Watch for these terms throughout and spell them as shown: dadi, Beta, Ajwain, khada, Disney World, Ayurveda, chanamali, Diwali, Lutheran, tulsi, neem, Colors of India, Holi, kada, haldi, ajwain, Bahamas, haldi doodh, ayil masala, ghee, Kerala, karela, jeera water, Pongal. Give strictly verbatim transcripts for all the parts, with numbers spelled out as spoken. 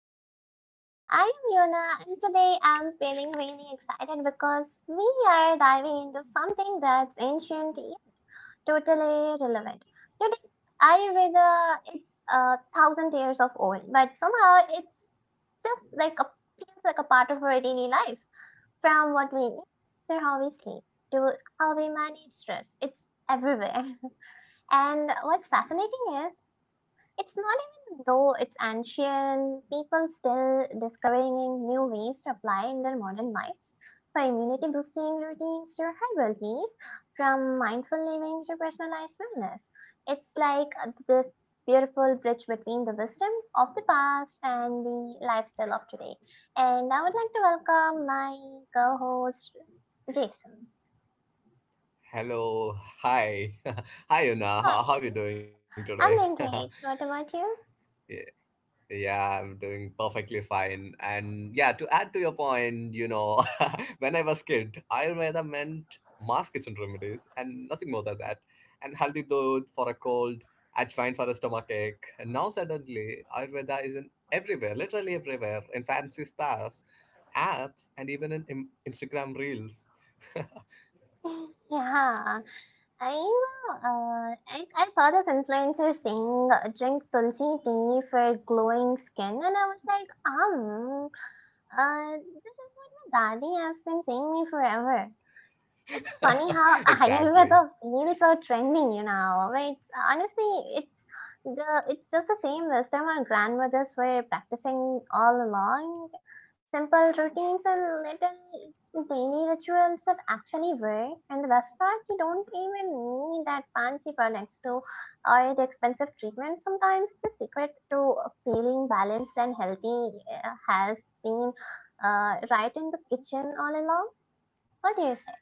of India. I am Yona and today I'm feeling really excited because we are diving into something that's ancient yet totally relevant. Today, Ayurveda, it's a thousand years of old, but somehow it's just like a feels like a part of our daily life. From what we eat to how we sleep to how we manage stress, it's everywhere. And what's fascinating is it's not even though it's ancient, people still discovering new ways to apply in their modern lives. For immunity boosting routines to herbal teas, from mindful living to personalized wellness. It's like uh, this beautiful bridge between the wisdom of the past and the lifestyle of today. And I would like to welcome my co host, Jason. Hello, hi, hi, Una. How, how are you Hi, doing today? I'm doing great. What about you? Yeah, yeah, I'm doing perfectly fine. And yeah, to add to your point, you know, when I was kid, Ayurveda meant mass kitchen remedies and nothing more than that. And healthy dud for a cold, Ajwain for a stomach ache. And now suddenly, Ayurveda is in everywhere, literally everywhere, in fancy spas, apps, and even in, in Instagram reels. Yeah. I know. Uh, I, I saw this influencer saying uh, drink tulsi tea for glowing skin, and I was like, um, uh, this is what my daddy has been saying me forever. It's funny how Ayurveda Exactly. feels so trendy, you know. But it's, honestly, it's the it's just the same wisdom our grandmothers were practicing all along. Simple routines and little daily rituals that actually work. And the best part, you don't even need that fancy products to or the expensive treatment. Sometimes the secret to feeling balanced and healthy uh, has been uh, right in the kitchen all along. What do you say?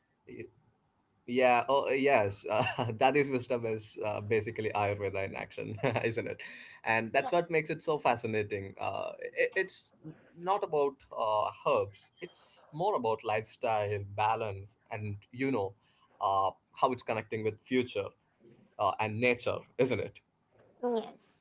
Yeah, oh yes, uh, that is wisdom is uh, basically Ayurveda in action, isn't it? And that's what makes it so fascinating. Uh, it, it's not about uh, herbs; it's more about lifestyle, balance, and you know uh, how it's connecting with future uh, and nature, isn't it? Yeah. Yes.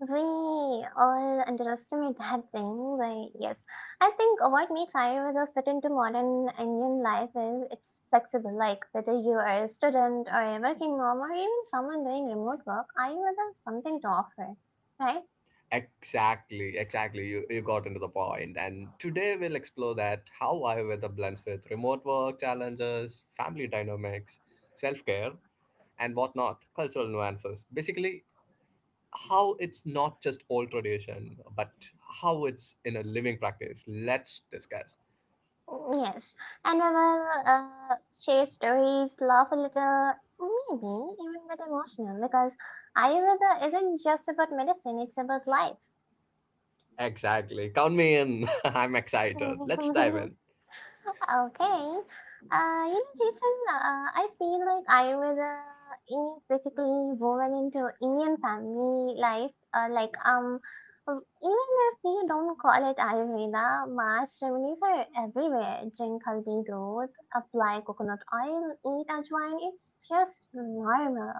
We all underestimate that thing, but yes, I think what makes Ayurveda fit into modern Indian life is it's flexible. Like whether you are a student or a working mom or even someone doing remote work, Ayurveda has something to offer, right? Exactly, exactly. You, you got into the point. And today we'll explore that how I weather blends with remote work challenges, family dynamics, self care, and whatnot, cultural nuances. Basically, how it's not just old tradition, but how it's in a living practice. Let's discuss. Mm, yes, and we will uh, share stories, laugh a little, maybe even get emotional because Ayurveda isn't just about medicine; it's about life. Exactly. Count me in. I'm excited. Let's dive in. Okay. Uh, you know, Jason, uh, I feel like Ayurveda is basically woven into Indian family life. Uh, like, um, um, even if we don't call it Ayurveda, mass remedies are everywhere. Drink haldi doodh, apply coconut oil, eat ajwain. It's just normal.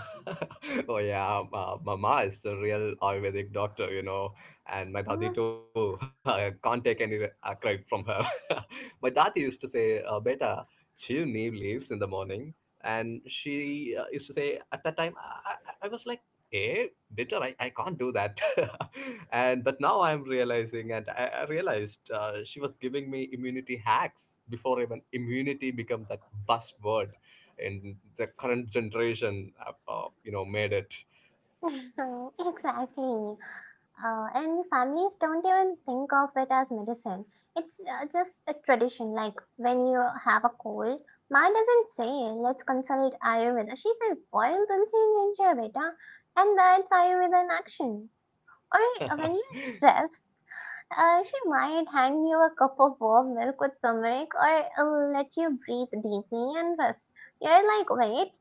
oh yeah, um, uh, Mama is the real Ayurvedic doctor, you know, and my dadi too. I can't take any uh, credit from her. my dadi used to say, uh, "Beta, chew new leaves in the morning," and she uh, used to say at that time I, I I was like, "Eh, bitter, I, I can't do that," and but now I'm realizing, and I, I realized uh, she was giving me immunity hacks before even immunity became that buzzword and the current generation have, uh, you know made it Exactly. Uh, and families don't even think of it as medicine. It's uh, just a tradition. Like when you have a cold, mine doesn't say, let's consult Ayurveda. She says, boil tulsi and ginger, beta. And that's Ayurveda in action. Or uh, when you're stressed, uh, she might hand you a cup of warm milk with turmeric or uh, let you breathe deeply and rest. You're like, wait,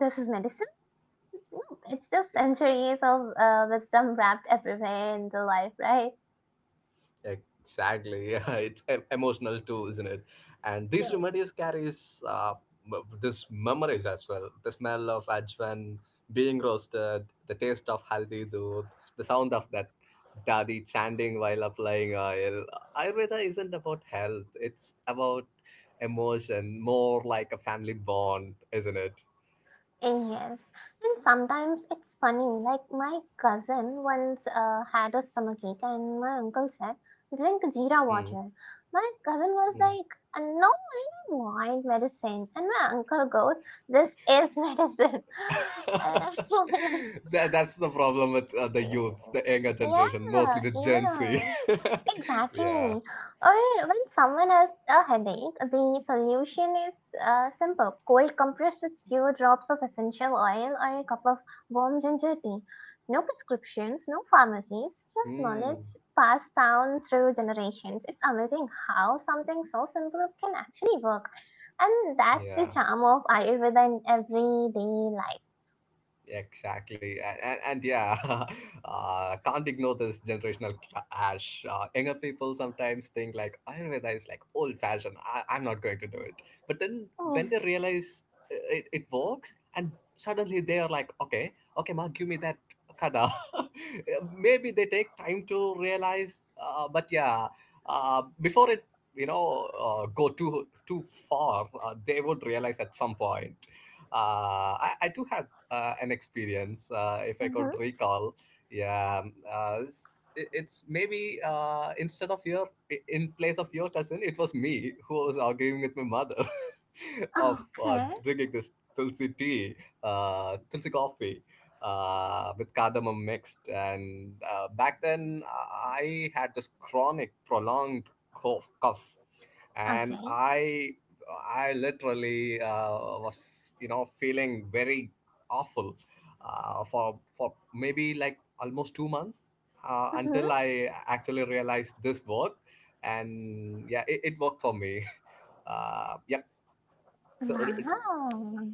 this is medicine? No, it's just centuries of uh, wisdom wrapped everywhere in the life, right? exactly, yeah, it's em- emotional too, isn't it, and these Yes, remedies carries uh, m- this memories as well, the smell of ajwan being roasted, the taste of haldi doodh, the sound of that dadi chanting while applying oil. Ayurveda isn't about health, it's about emotion, more like a family bond, isn't it? yes. And sometimes it's funny, like my cousin once uh, had a summer cake and my uncle said, drink jeera Mm. water. My cousin was Mm. like, "Uh, no, I don't want medicine." And my uncle goes, this is medicine. Uh, that, that's the problem with uh, the youths, the younger generation, yeah, mostly the Gen yeah. Z. yeah. Exactly. Or when someone has a headache, the solution is uh, simple cold compress with few drops of essential oil or a cup of warm ginger tea. No prescriptions, no pharmacies, just knowledge Mm, passed down through generations. It's amazing how something so simple can actually work. And that's the yeah. charm of Ayurveda in everyday life. Exactly, and and, and yeah, uh, can't ignore this generational clash. Uh, younger people sometimes think like Ayurveda is like old fashioned. I, I'm not going to do it. But then when Mm-hmm. they realize uh, it, it works, and suddenly they are like, okay, okay, ma, give me that kada. Maybe they take time to realize, uh, but yeah, uh, before it, you know, uh, go too too far, uh, they would realize at some point. Uh, I, I do have uh, an experience, uh, if I could recall. Yeah, um, uh, it's, it- it's maybe uh, instead of your i- in place of your cousin, it was me who was arguing with my mother of uh, Okay. drinking this tulsi tea, uh, tulsi coffee. Uh, with cardamom mixed, and uh, back then I had this chronic, prolonged cough, cough and Okay. i i literally uh, was you know feeling very awful uh, for for maybe like almost two months uh, Mm-hmm. until I actually realized this worked. And yeah, it, it worked for me. Uh, yep, so uh, Wow.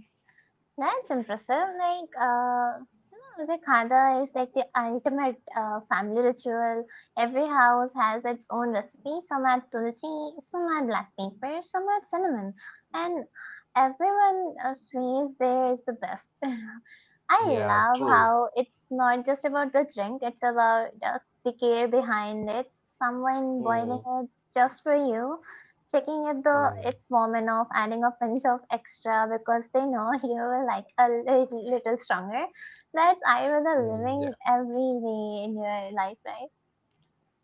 That's impressive. Like, uh, hmm, the khada is like the ultimate uh, family ritual. Every house has its own recipe. Some add tulsi, some add black pepper, some add cinnamon, and everyone uh, swears there is the best. I yeah, love true. how it's not just about the drink, it's about the, the care behind it. Someone Mm, boiling it just for you, checking it the mm, its moment of adding a pinch of extra because they know you will like a li- little stronger. That's irony mm, yeah. living every day in your life, right?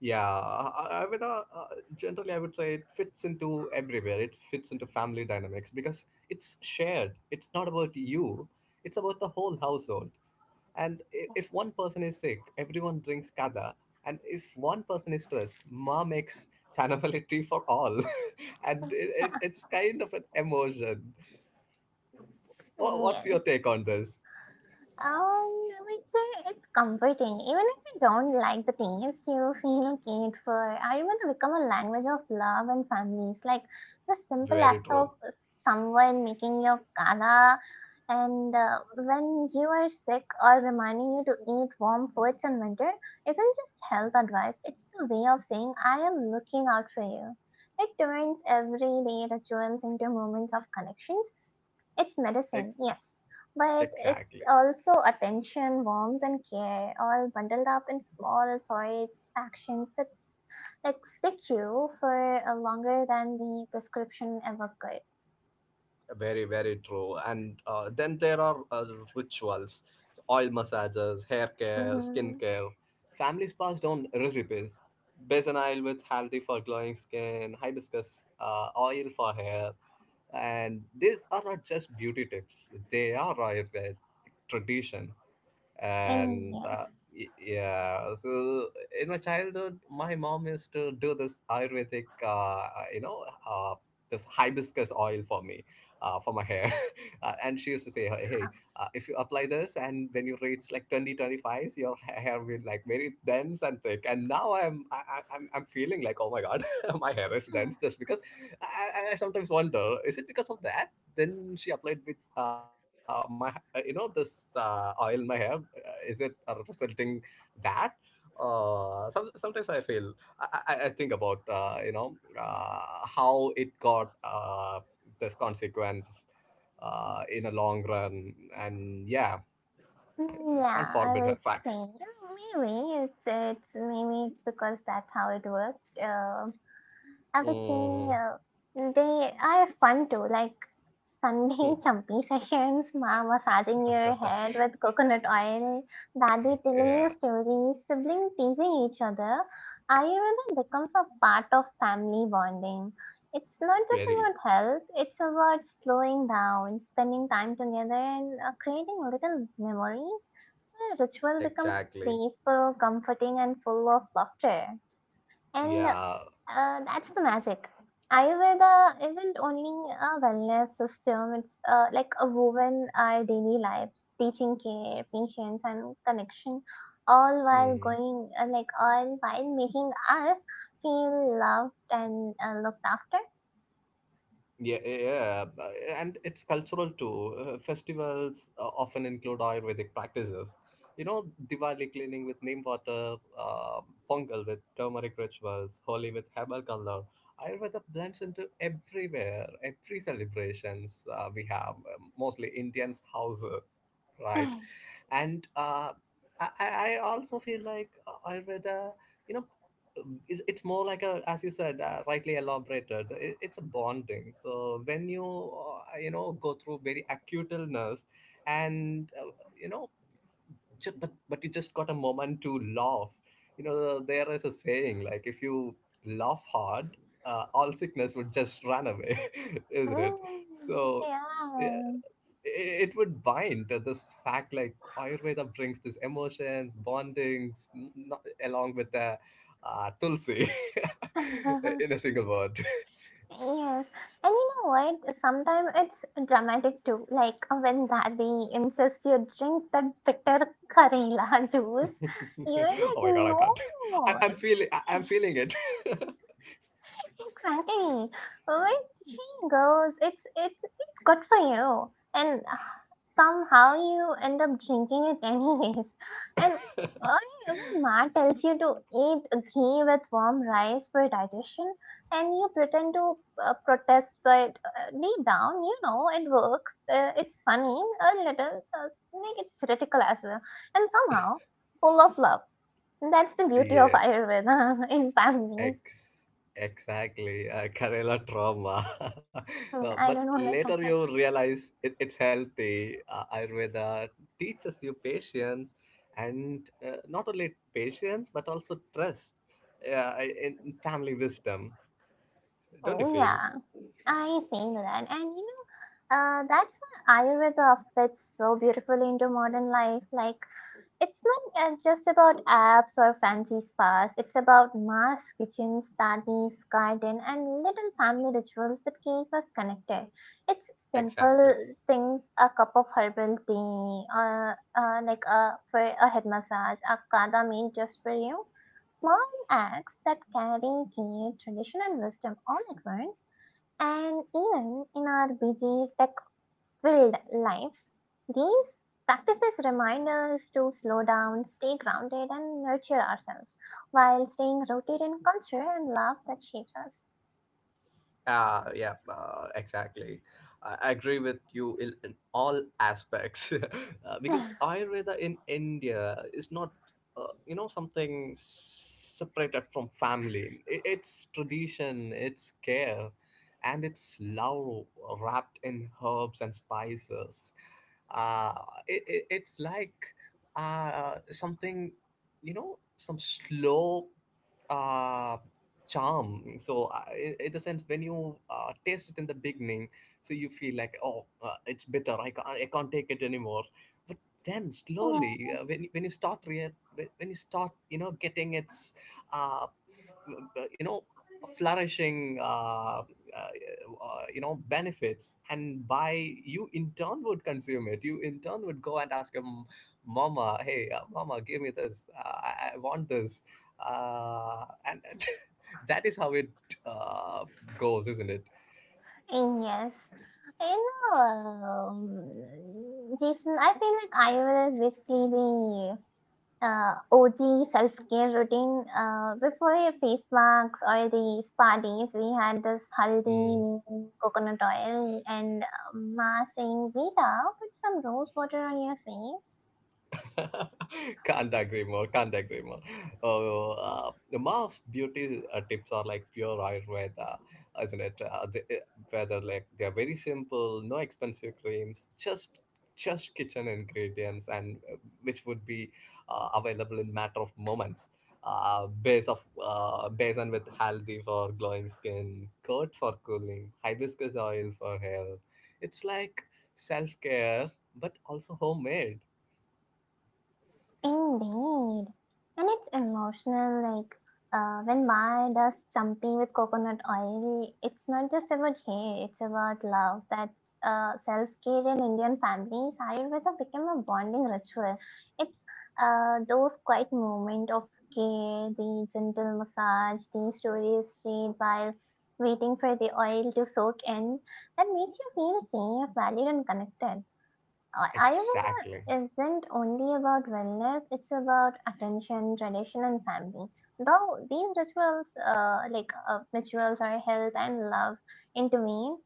Yeah, I, I would, uh, uh, generally I would say it fits into everywhere. It fits into family dynamics because it's shared. It's not about you. It's about the whole household. And i- if one person is sick, everyone drinks kada. And if one person is stressed, ma makes chanamali tea for all. and it, it, it's kind of an emotion. What, what's Yes. your take on this? Um, I would say it's comforting. Even if you don't like the taste, you feel cared for. I remember become a language of love and families. Like the simple Very act of true. someone making your kala, and uh, when you are sick or reminding you to eat warm foods in winter, isn't just health advice. It's the way of saying I am looking out for you. It turns everyday rituals into moments of connection it's E- medicine, yes, but it's exactly. also attention, warmth, and care, all bundled up in small thoughts, actions that like stick you for uh, longer than the prescription ever could. Very, very true. And uh, then there are uh, rituals, so oil massages, hair care, skin Mm-hmm. care. Families passed on recipes. Basil oil with haldi for glowing skin, hibiscus uh, oil for hair. And these are not just beauty tips, they are Ayurvedic tradition, Uh, and yes. uh, y- yeah, so in my childhood my mom used to do this ayurvedic uh, uh, you know uh, this hibiscus oil for me uh, for my hair. Uh, and she used to say hey hey, uh, if you apply this and when you reach like twenty twenty five, your ha- hair will like very dense and thick, and now I'm I, I- I'm I'm feeling like oh my god, my hair is dense just because I, I I sometimes wonder, is it because of that, then she applied with uh, my uh, you know this uh, oil in my hair, uh, is it uh, representing that, uh some, sometimes i feel i i, I think about uh, you know uh, how it got uh this consequence uh in a long run, and yeah, can't Yeah, I forbid a would fact. say uh, maybe it's it's maybe it's because that's how it works. Uh, I would say Mm, uh, they are fun too, like Sunday hmm. chumpy sessions, ma massaging your head with coconut oil, daddy telling you yeah, stories, siblings teasing each other. Ayurveda becomes a part of family bonding. It's not just very, about health, it's about slowing down, spending time together, and uh, creating little memories. The ritual becomes exactly, playful, comforting, and full of laughter. And yeah. uh, that's the magic. Ayurveda isn't only a wellness system, it's uh, like a woven our daily lives, teaching care, patience, and connection, all while Hmm. going, uh, like, all while making us feel loved and uh, looked after. Yeah, yeah, yeah, uh, and it's cultural too. Uh, festivals uh, often include Ayurvedic practices. You know, Diwali cleaning with neem water, uh, Pongal with turmeric rituals, Holi with herbal color. Ayurveda blends into everywhere, every celebrations uh, we have, uh, mostly Indians' houses, right? And uh, I, I I also feel like uh, Ayurveda, you know, it's, it's more like a, as you said uh, rightly elaborated it, it's a bond thing, so when you uh, you know go through very acute illness and uh, you know ju- but but you just got a moment to laugh, you know there is a saying like if you laugh hard, uh, all sickness would just run away, isn't it, Mm, so yeah, yeah. it would bind to this fact like ayurveda brings these emotions bondings n- not, along with the uh, tulsi in a single word. Yes, and you know what? Sometimes it's dramatic too. Like uh, when daddy insists you drink that bitter karela juice, you're oh like, my god, I no, can't, I, I i'm feeling I, I'm feeling it. exactly. Where she goes, it's it's it's good for you. And uh, somehow you end up drinking it anyways. And I when Ma tells you to eat ghee with warm rice for digestion, and you pretend to uh, protest, but uh, deep down, you know it works. Uh, it's funny a little, uh, like it's satirical as well, and somehow full of love. That's the beauty of yeah. Ayurveda in families. Ex- exactly, uh, Kerala trauma. Uh, Mm, but I don't want to later talk. you realize it, it's healthy. Uh, Ayurveda teaches you patience, and uh, not only patience but also trust uh, in in family wisdom. Don't you Oh feel? yeah, I think that, and you know, uh, that's why Ayurveda fits so beautifully into modern life. Like, it's not uh, just about apps or fancy spas. It's about mass kitchens, studies, garden, and little family rituals that keep us connected. It's Exactly. simple things: a cup of herbal tea, uh, uh, like a for a head massage, a kada meal just for you. Small acts that carry key tradition and wisdom all at once. And even in our busy, tech filled lives, these practices remind us to slow down, stay grounded, and nurture ourselves while staying rooted in culture and love that shapes us. Uh, yeah, uh, exactly. I agree with you in, in all aspects, uh, because Yeah. Ayurveda in India is not, uh, you know, something separated from family. I it's tradition, it's care, and it's love wrapped in herbs and spices. Uh, it, it, it's like uh, something, you know, some slow. Uh, charm, so uh, in in the sense when you uh, taste it in the beginning, so you feel like oh uh, it's bitter, I can't, I can't take it anymore, but then slowly uh, when, when you start rea- when when you start you know getting its uh, f- uh, you know flourishing uh, uh, uh, you know benefits, and by you in turn would consume it, you in turn would go and ask your m- mama, hey uh, mama, give me this uh, I, I want this uh, and that is how it uh, goes, isn't it? Yes. You know, um, Jason, I feel like iOS is basically the uh, O G self care routine. Uh, before your face masks or these parties, we had this haldi, Hmm. neem, coconut oil, and uh, massing Veda. Put some rose water on your face. Can't agree more. Can't agree more. Oh, uh, the Mars beauty uh, tips are like pure Ayurveda, isn't it? Uh, the, eh, whether like they're very simple, no expensive creams, just just kitchen ingredients, and uh, which would be uh, available in matter of moments. Uh, base of uh, basin with haldi for glowing skin, curd for cooling, hibiscus oil for hair. It's like self care, but also homemade. Indeed. And it's emotional, like uh, when Maya does something with coconut oil, it's not just about hate, it's about love. That's uh, self care in Indian families. Ayurveda became a bonding ritual. It's uh, those quiet moments of care, the gentle massage, the stories shared while waiting for the oil to soak in, that makes you feel safe, valued, and connected. Ay- Exactly. Ayurveda isn't only about wellness, it's about attention, tradition, and family. Though these rituals, uh, like uh, rituals are health and love, intervene,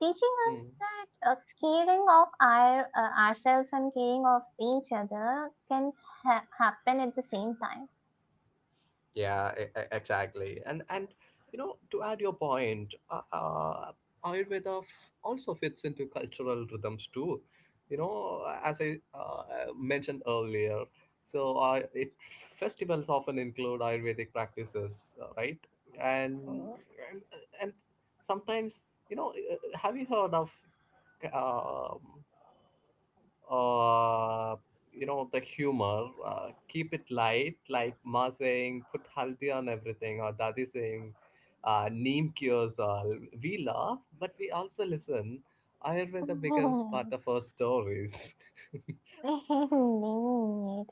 teaching us Mm. that uh, caring of our uh, ourselves and caring of each other can ha- happen at the same time. Yeah, e- e- exactly. And and you know, to add your point, uh, uh, Ayurveda f- also fits into cultural rhythms too. You know, as I uh, mentioned earlier, so uh, it festivals often include Ayurvedic practices, uh, right? And and and sometimes, you know, uh, have you heard of um uh, you know, the humor uh, keep it light, like ma saying put haldi on everything or dadi saying uh, neem cures all, we laugh but we also listen, ayurveda becomes part of our stories. Indeed. Um,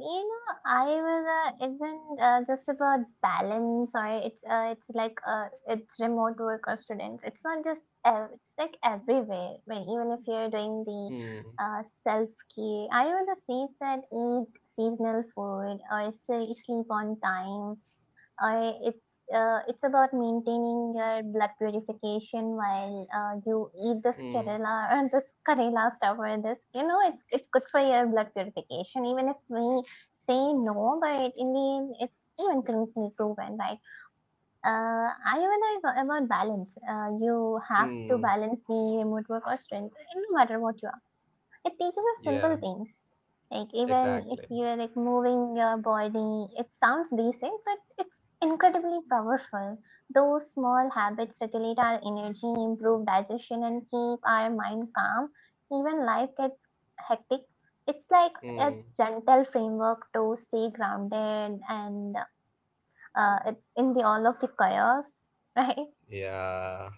you know, I will uh, isn't uh, just about balance or it's uh, it's like uh, it's remote work or students. It's not just uh, it's like everywhere. When even if you're doing the hmm, uh, self care, I rather says that eat seasonal food or say sleep on time I it's uh, it's about maintaining your blood purification while uh, you eat this hmm, Kerala or this Kerala stuff or this you know it's it's good for your blood purification even if we say no but in the end it's even clinically proven right uh, Ayurveda is all about balance. Uh, you have to hmm. balance the remote work or strength no matter what you it teaches us simple yeah, things. Like even if exactly, you're like moving your body, it sounds basic, but it's incredibly powerful. Those small habits regulate our energy, improve digestion, and keep our mind calm. Even life gets hectic. It's like a hmm. gentle framework to stay grounded and uh, it- in the all of the chaos, right? yeah.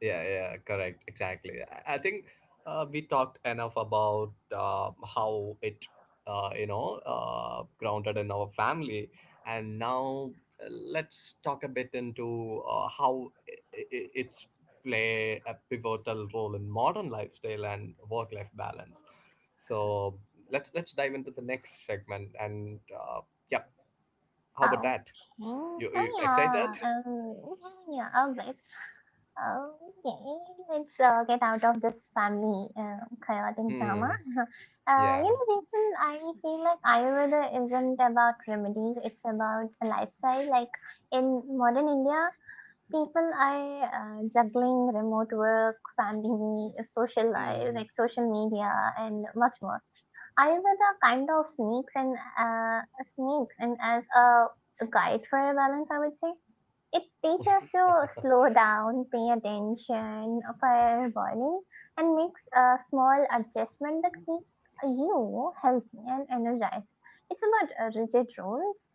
Yeah, yeah, correct, exactly. I I think uh, we talked enough about uh, how it, uh, you know, uh, grounded in our family, and now uh, let's talk a bit into uh, how i- i- it's play a pivotal role in modern lifestyle and work-life balance. So let's let's dive into the next segment, and uh, yeah, how about Okay. that? You, Oh you yeah. excited? Um, yeah, yeah, yeah. All right. Okay, let's uh, get out of this family uh, chaotic drama. Hmm. uh, you Yeah. know, Jason, I feel like Ayurveda isn't about remedies; it's about a lifestyle. Like in modern India, people are uh, juggling remote work, family, social life, Hmm. like social media, and much more. Ayurveda kind of sneaks and uh, sneaks and as a guide for a balance, I would say it teaches to slow down, pay attention for your body, and makes a small adjustment that keeps you healthy and energized. It's about uh, rigid rules,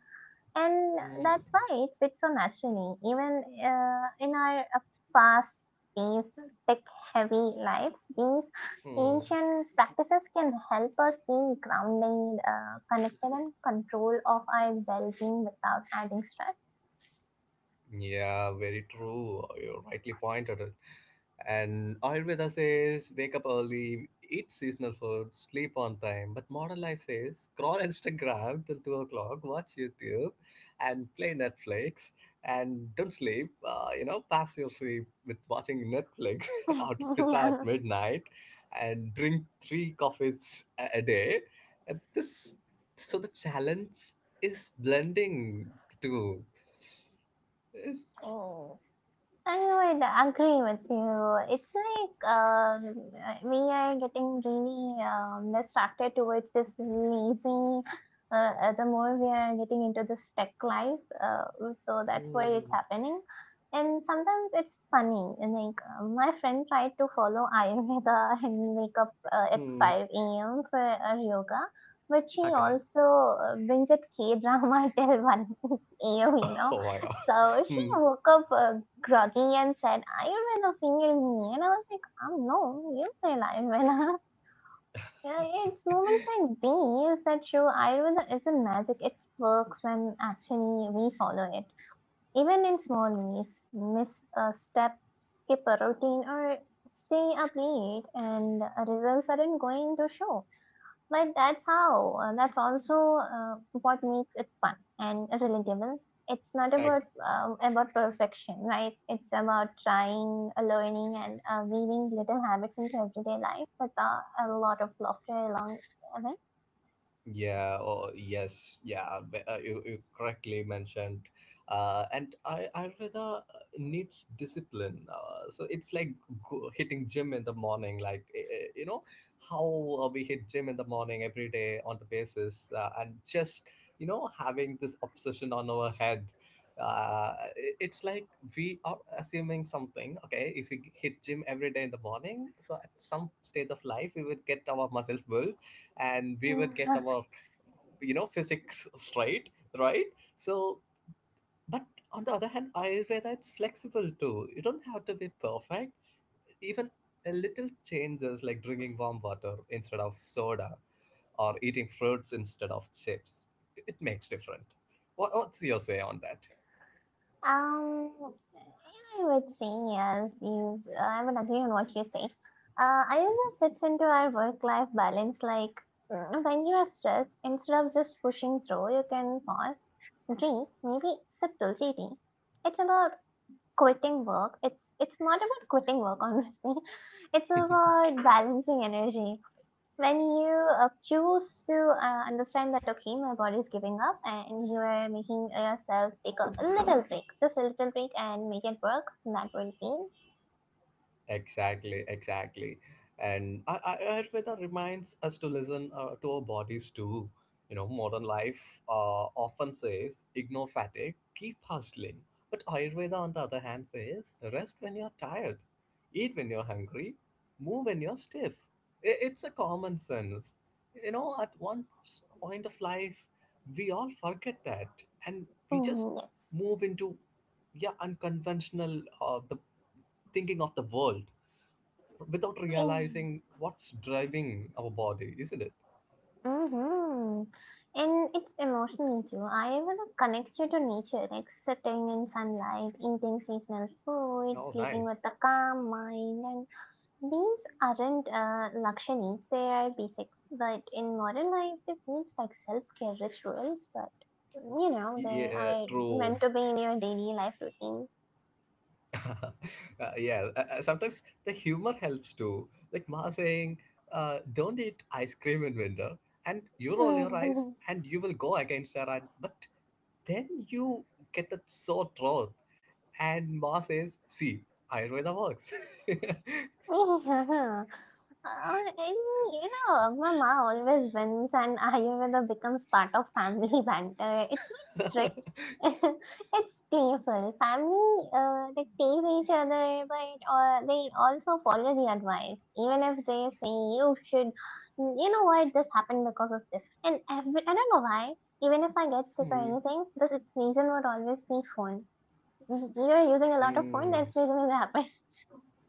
and Hmm. that's why it fits so naturally, even uh, in our uh, fast paced, tech heavy lives. These Hmm. ancient practices can help us be grounded, uh, connected, and control of our well being without adding stress. Yeah, very true. You rightly pointed it. And Ayurveda says wake up early, eat seasonal food, sleep on time. But modern life says scroll Instagram till two o'clock, watch YouTube, and play Netflix, and don't sleep. Uh, you know, pass your sleep with watching Netflix or to pizza at yeah. midnight and drink three coffees a a day. And this, so the challenge is blending the two. Oh, I would agree with you. It's like um, uh, we are getting really um, distracted towards this lazy. Uh, uh, the more we are getting into this tech life, uh, so that's why it's Hmm. happening. And sometimes it's funny. And Like uh, my friend tried to follow Ayurveda and wake up uh, at Hmm. five a m for uh, yoga, but she Okay. also uh, binged K drama till one a m. You know, Oh my god. so she Hmm. woke up uh, groggy and said, "Are you going to finger me?" And I was like, "Um, no, you feel Ayurveda." Yeah, it's moments like these that show Ayurveda isn't magic, it works when actually we follow it. Even in small ways, miss a step, skip a routine, or stay up late, and uh, results aren't going to show. But that's how, uh, that's also uh, what makes it fun and relatable. It's not about Like um, about perfection, right? It's about trying, uh, learning, and uh, weaving little habits into everyday life with uh, a lot of laughter along with yeah, oh, yes, yeah, b- uh, you, you correctly mentioned. Uh, and I, Ayurveda needs discipline. Uh, so it's like go, hitting gym in the morning, like, eh, eh, you know, how uh, we hit gym in the morning every day on the basis uh, and just, you know, having this obsession on our head. Uh, it- it's like we are assuming something, okay? If we g- hit gym every day in the morning, so at some stage of life, we would get our muscles built and we would get it. our you know physics straight, right. So but on the other hand, Ayurveda, it's flexible too. You don't have to be perfect. Even a little changes like drinking warm water instead of soda or eating fruits instead of chips, it makes different. What, what's your say on that? Um, I would say yes. You, I would agree on what you say. Uh, I think it fits into our work-life balance. Like mm, when you are stressed, instead of just pushing through, you can pause, breathe, maybe sip tulsi tea. It's about quitting work. It's it's not about quitting work, honestly. It's about balancing energy when you uh, choose to uh, understand that okay, my body is giving up, and you are making yourself take a a little break, just a little break, and make it work. That will be Exactly, exactly. And Ay- Ay- Ayurveda reminds us to listen uh, to our bodies too. You know, modern life uh, often says ignore fatigue, keep hustling. But Ayurveda, on the other hand, says rest when you're tired, eat when you're hungry, move when you're stiff. I- It's a common sense. You know, at one s- point of life, we all forget that, and we just mm-hmm. move into, yeah, unconventional uh, the thinking of the world without realizing what's driving our body, isn't it? mm-hmm. And it's emotional too. I even connects you to nature, like sitting in sunlight, eating seasonal food, Oh, sleeping nice. with a calm mind, and these aren't uh, luxuries, they are basics. But in modern life, they feel like self care rituals, but you know, Y- they Yeah, uh, are true. meant to be in your daily life routine. Uh, yeah, uh, uh, Sometimes the humor helps too. Like Ma saying, uh, don't eat ice cream in winter, and you roll your eyes and you will go against her. And, but then you get that so throat, and Ma says, see, Ayurveda works. Mhm. Yeah. Uh, and, you know, my ma always wins, and Ayurveda becomes part of family banter. It's not strict, it's playful. Family, uh, they tease each other, but uh, they also follow the advice, even if they say you should. You know what? This happened because of this, and every I don't know why. Even if I get sick or Hmm, anything, this reason would always be phone. You're using a lot of phone. hmm. That's the reason it happened.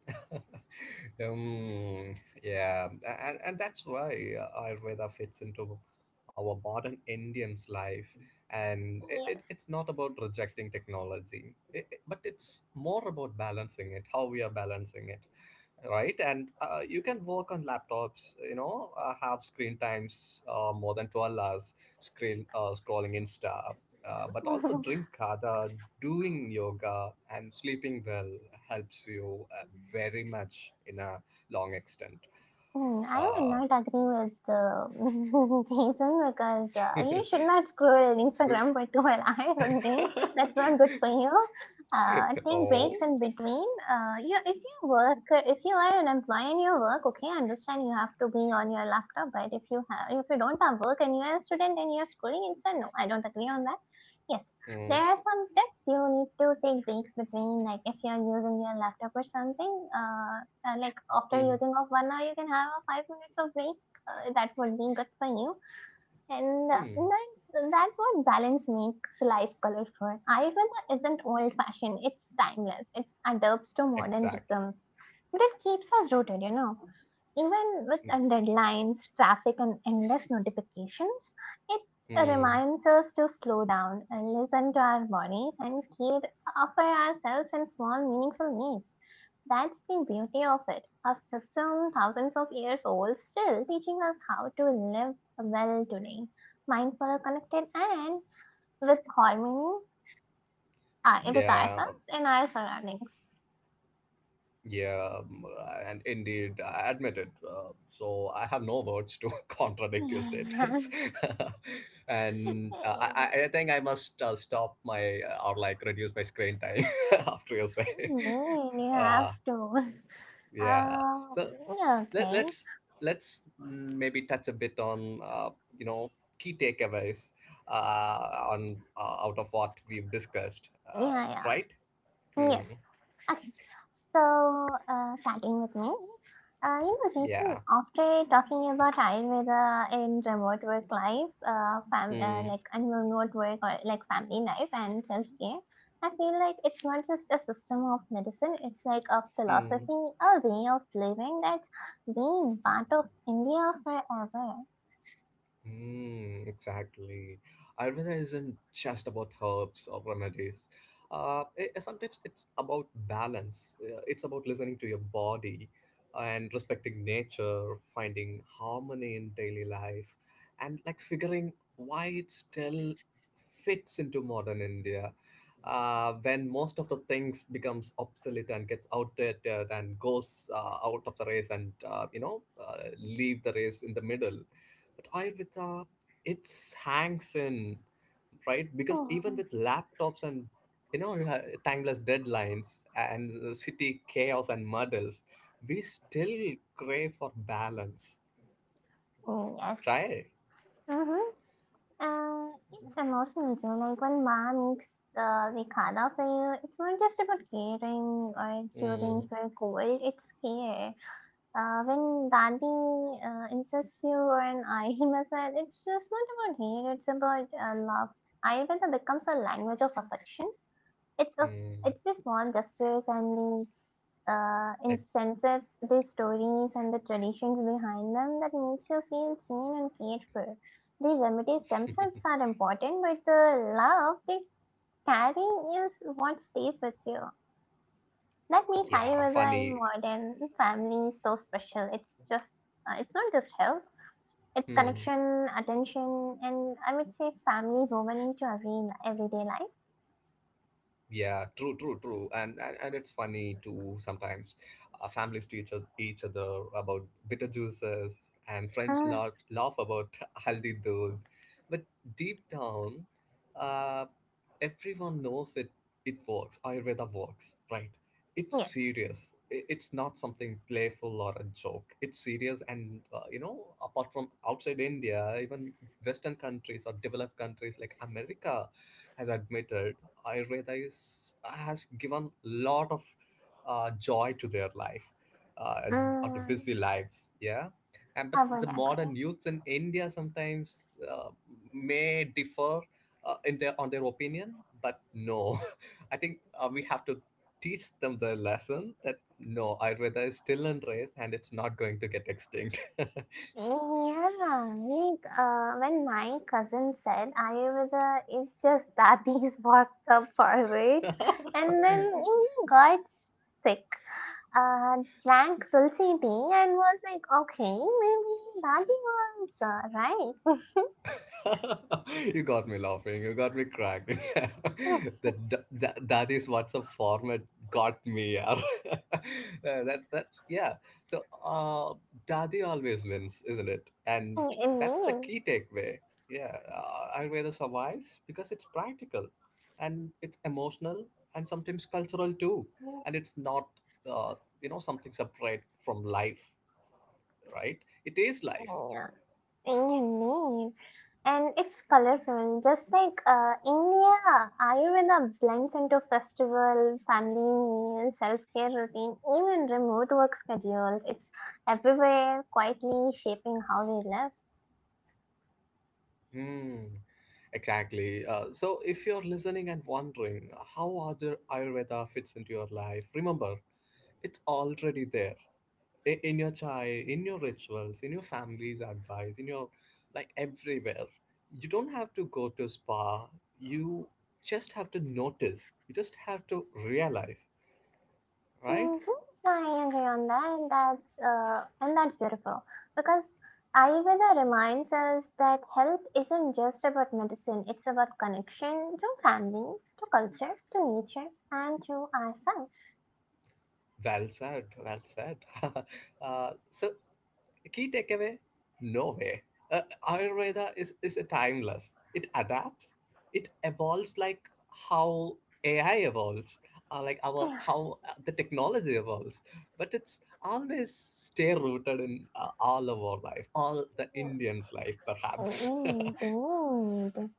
um, yeah, and, and that's why uh, Ayurveda fits into our modern Indian's life. And it, it, it's not about rejecting technology, it, it- but it's more about balancing it, how we are balancing it, right? And uh, you can work on laptops, you know, uh, have screen times uh, more than twelve hours screen, uh, scrolling insta, uh, but also Yes. drink kata, doing yoga and sleeping well helps you uh, very much in a long extent. Hmm, I would uh, not agree with uh, Jason, because uh, you should not scroll Instagram for twelve hours a day. That's not good for you. Uh, take breaks oh, in between. Uh, you, if you work, if you are an employee and you work, okay, I understand you have to be on your laptop. But if you have, if you don't have work and you are a student and you are schooling Insta, no, I don't agree on that. Yes, mm, there are some tips you need to take breaks between. Like if you are using your laptop or something, uh, uh, like after mm, using of one hour, you can have a five minutes of break. Uh, that would be good for you. And uh, mm, that's, that's what balance makes life colorful. Ayurveda isn't old fashioned, it's timeless. It adapts to modern exactly. rhythms, but it keeps us rooted, you know. Even with Mm, uh, deadlines, traffic, and endless notifications, it mm, reminds us to slow down and listen to our bodies and care for ourselves in small, meaningful ways. That's the beauty of it. A system thousands of years old still teaching us how to live well today. Mindful, connected, and with harmony uh, with yeah. ourselves and our surroundings. Yeah, um, and indeed, I admit it. Uh, so I have no words to contradict your statements, and uh, I, I I think I must uh, stop my uh, or like reduce my screen time after you say. You have Uh, to. yeah. Um, So yeah, let okay. let's let's maybe touch a bit on uh, you know key takeaways uh, on uh, out of what we've discussed. Uh, Yeah, yeah. Right? Yes. Mm, Okay. So, uh, starting with me, uh, you know, Jason, yeah. after talking about Ayurveda in remote work life, uh, fam- uh, Mm, like and remote work or like family life and self care, I feel like it's not just a system of medicine, it's like a mm. philosophy, a way of living that's been part of India forever. Mm, exactly. Ayurveda isn't just about herbs or remedies. Uh, i- sometimes it's about balance. Uh, It's about listening to your body and respecting nature, finding harmony in daily life, and like figuring why it still fits into modern India. Uh, when most of the things becomes obsolete and gets outdated and goes uh, out of the race and uh, you know uh, leave the race in the middle, but Ayurveda, it hangs in, right? Because even Mm, with laptops and you know, uh, timeless deadlines and uh, city chaos and muddles, we still crave for balance, yes. right? Mm-hmm. And it's emotional too. Like when mom makes uh, the khada for you, it's not just about caring or curing Mm, for a cold, it's care. Uh, when daddy uh, insists you on ayil masala, it's just not about hate, it's about uh, love. Ayurveda becomes a language of affection. It's a. mm, It's the small gestures and the uh, like, instances, the stories and the traditions behind them that makes you feel seen and cared for. The remedies themselves are important, but the love they carry is what stays with you. That makes yeah, Ayurveda in funny. modern families so special. It's just, uh, it's not just health. It's Hmm. connection, attention, and I would say family woven into every everyday life. Yeah, true, true, true. And, and and it's funny too sometimes. Uh, families teach each each other about bitter juices, and friends Mm, laugh, laugh about haldi doodh. But deep down, uh, everyone knows it. It works. Ayurveda works, right? It's yes, serious. I- It's not something playful or a joke. It's serious, and uh, you know, apart from outside India, even Western countries or developed countries like America has admitted I is has given lot of uh, joy to their life, uh, or the mm, busy lives. Yeah, and but I the would agree. modern youths in India sometimes uh, may differ uh, in their on their opinion. But no, I think uh, we have to teach them the lesson that no, Ayurveda is still in race and it's not going to get extinct. Yeah, like uh, when my cousin said Ayurveda is just daddy's WhatsApp forward, and then he got sick, uh, drank tulsi tea, and was like, okay, maybe daddy was uh, right. you got me laughing. You got me cracked. that, that that that is what's a format got me. Yeah. Uh, that that's Yeah. So uh, Dadi always wins, isn't it? And that's the Indeed. key takeaway. Yeah, uh, Ayurveda survives because it's practical, and it's emotional, and sometimes cultural too. And it's not uh, you know something separate from life, right? It is life. Yeah, indeed. And it's colorful. Just like uh, India, Ayurveda blends into festival, family meals, self care routine, even remote work schedules. It's everywhere, quietly shaping how we live. Hmm. Exactly. Uh, so, if you're listening and wondering how other Ayurveda fits into your life, remember it's already there, I- in your chai, in your rituals, in your family's advice, in your like everywhere. You don't have to go to spa. You just have to notice. You just have to realize, right? Mm-hmm. I agree on that. That's uh, and that's beautiful because Ayurveda reminds us that health isn't just about medicine. It's about connection to family, to culture, to nature, and to ourselves. Well said. Well said. uh, so A key takeaway, no way. Uh, Ayurveda is, is a timeless, it adapts, it evolves like how A I evolves, uh, like our how uh, the technology evolves, but it's always stay rooted in uh, all of our life, all the Indians' life, perhaps. Indeed, indeed.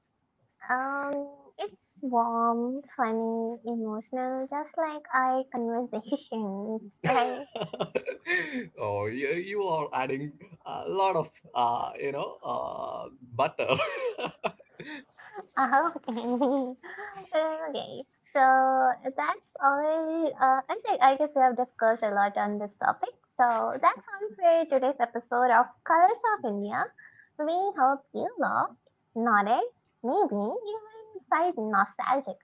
Um, it's warm, funny, emotional, just like our conversations, right? oh, you, you are adding a lot of uh, you know uh, butter. Uh, Okay. Okay. So that's all. Uh, I think I guess we have discussed a lot on this topic. So that's all for today's episode of Colors of India. We hope you loved, nodded, maybe even felt nostalgic.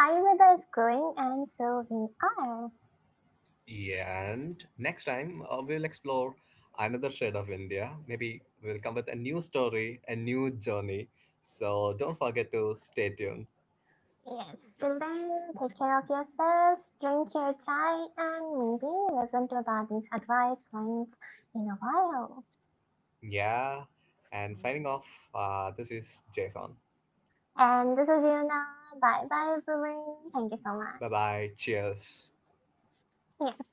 Ayurveda is growing, and so we are. And next time, uh, we'll explore another shade of India. Maybe we'll come with a new story, a new journey. So don't forget to stay tuned. Yes, till then, take care of yourselves, drink your chai, and maybe listen to Bobby's advice once in a while. Yeah. And signing off, uh, this is Jason. And this is Yuna. Bye bye, everyone. Thank you so much. Bye bye. Cheers. Yeah.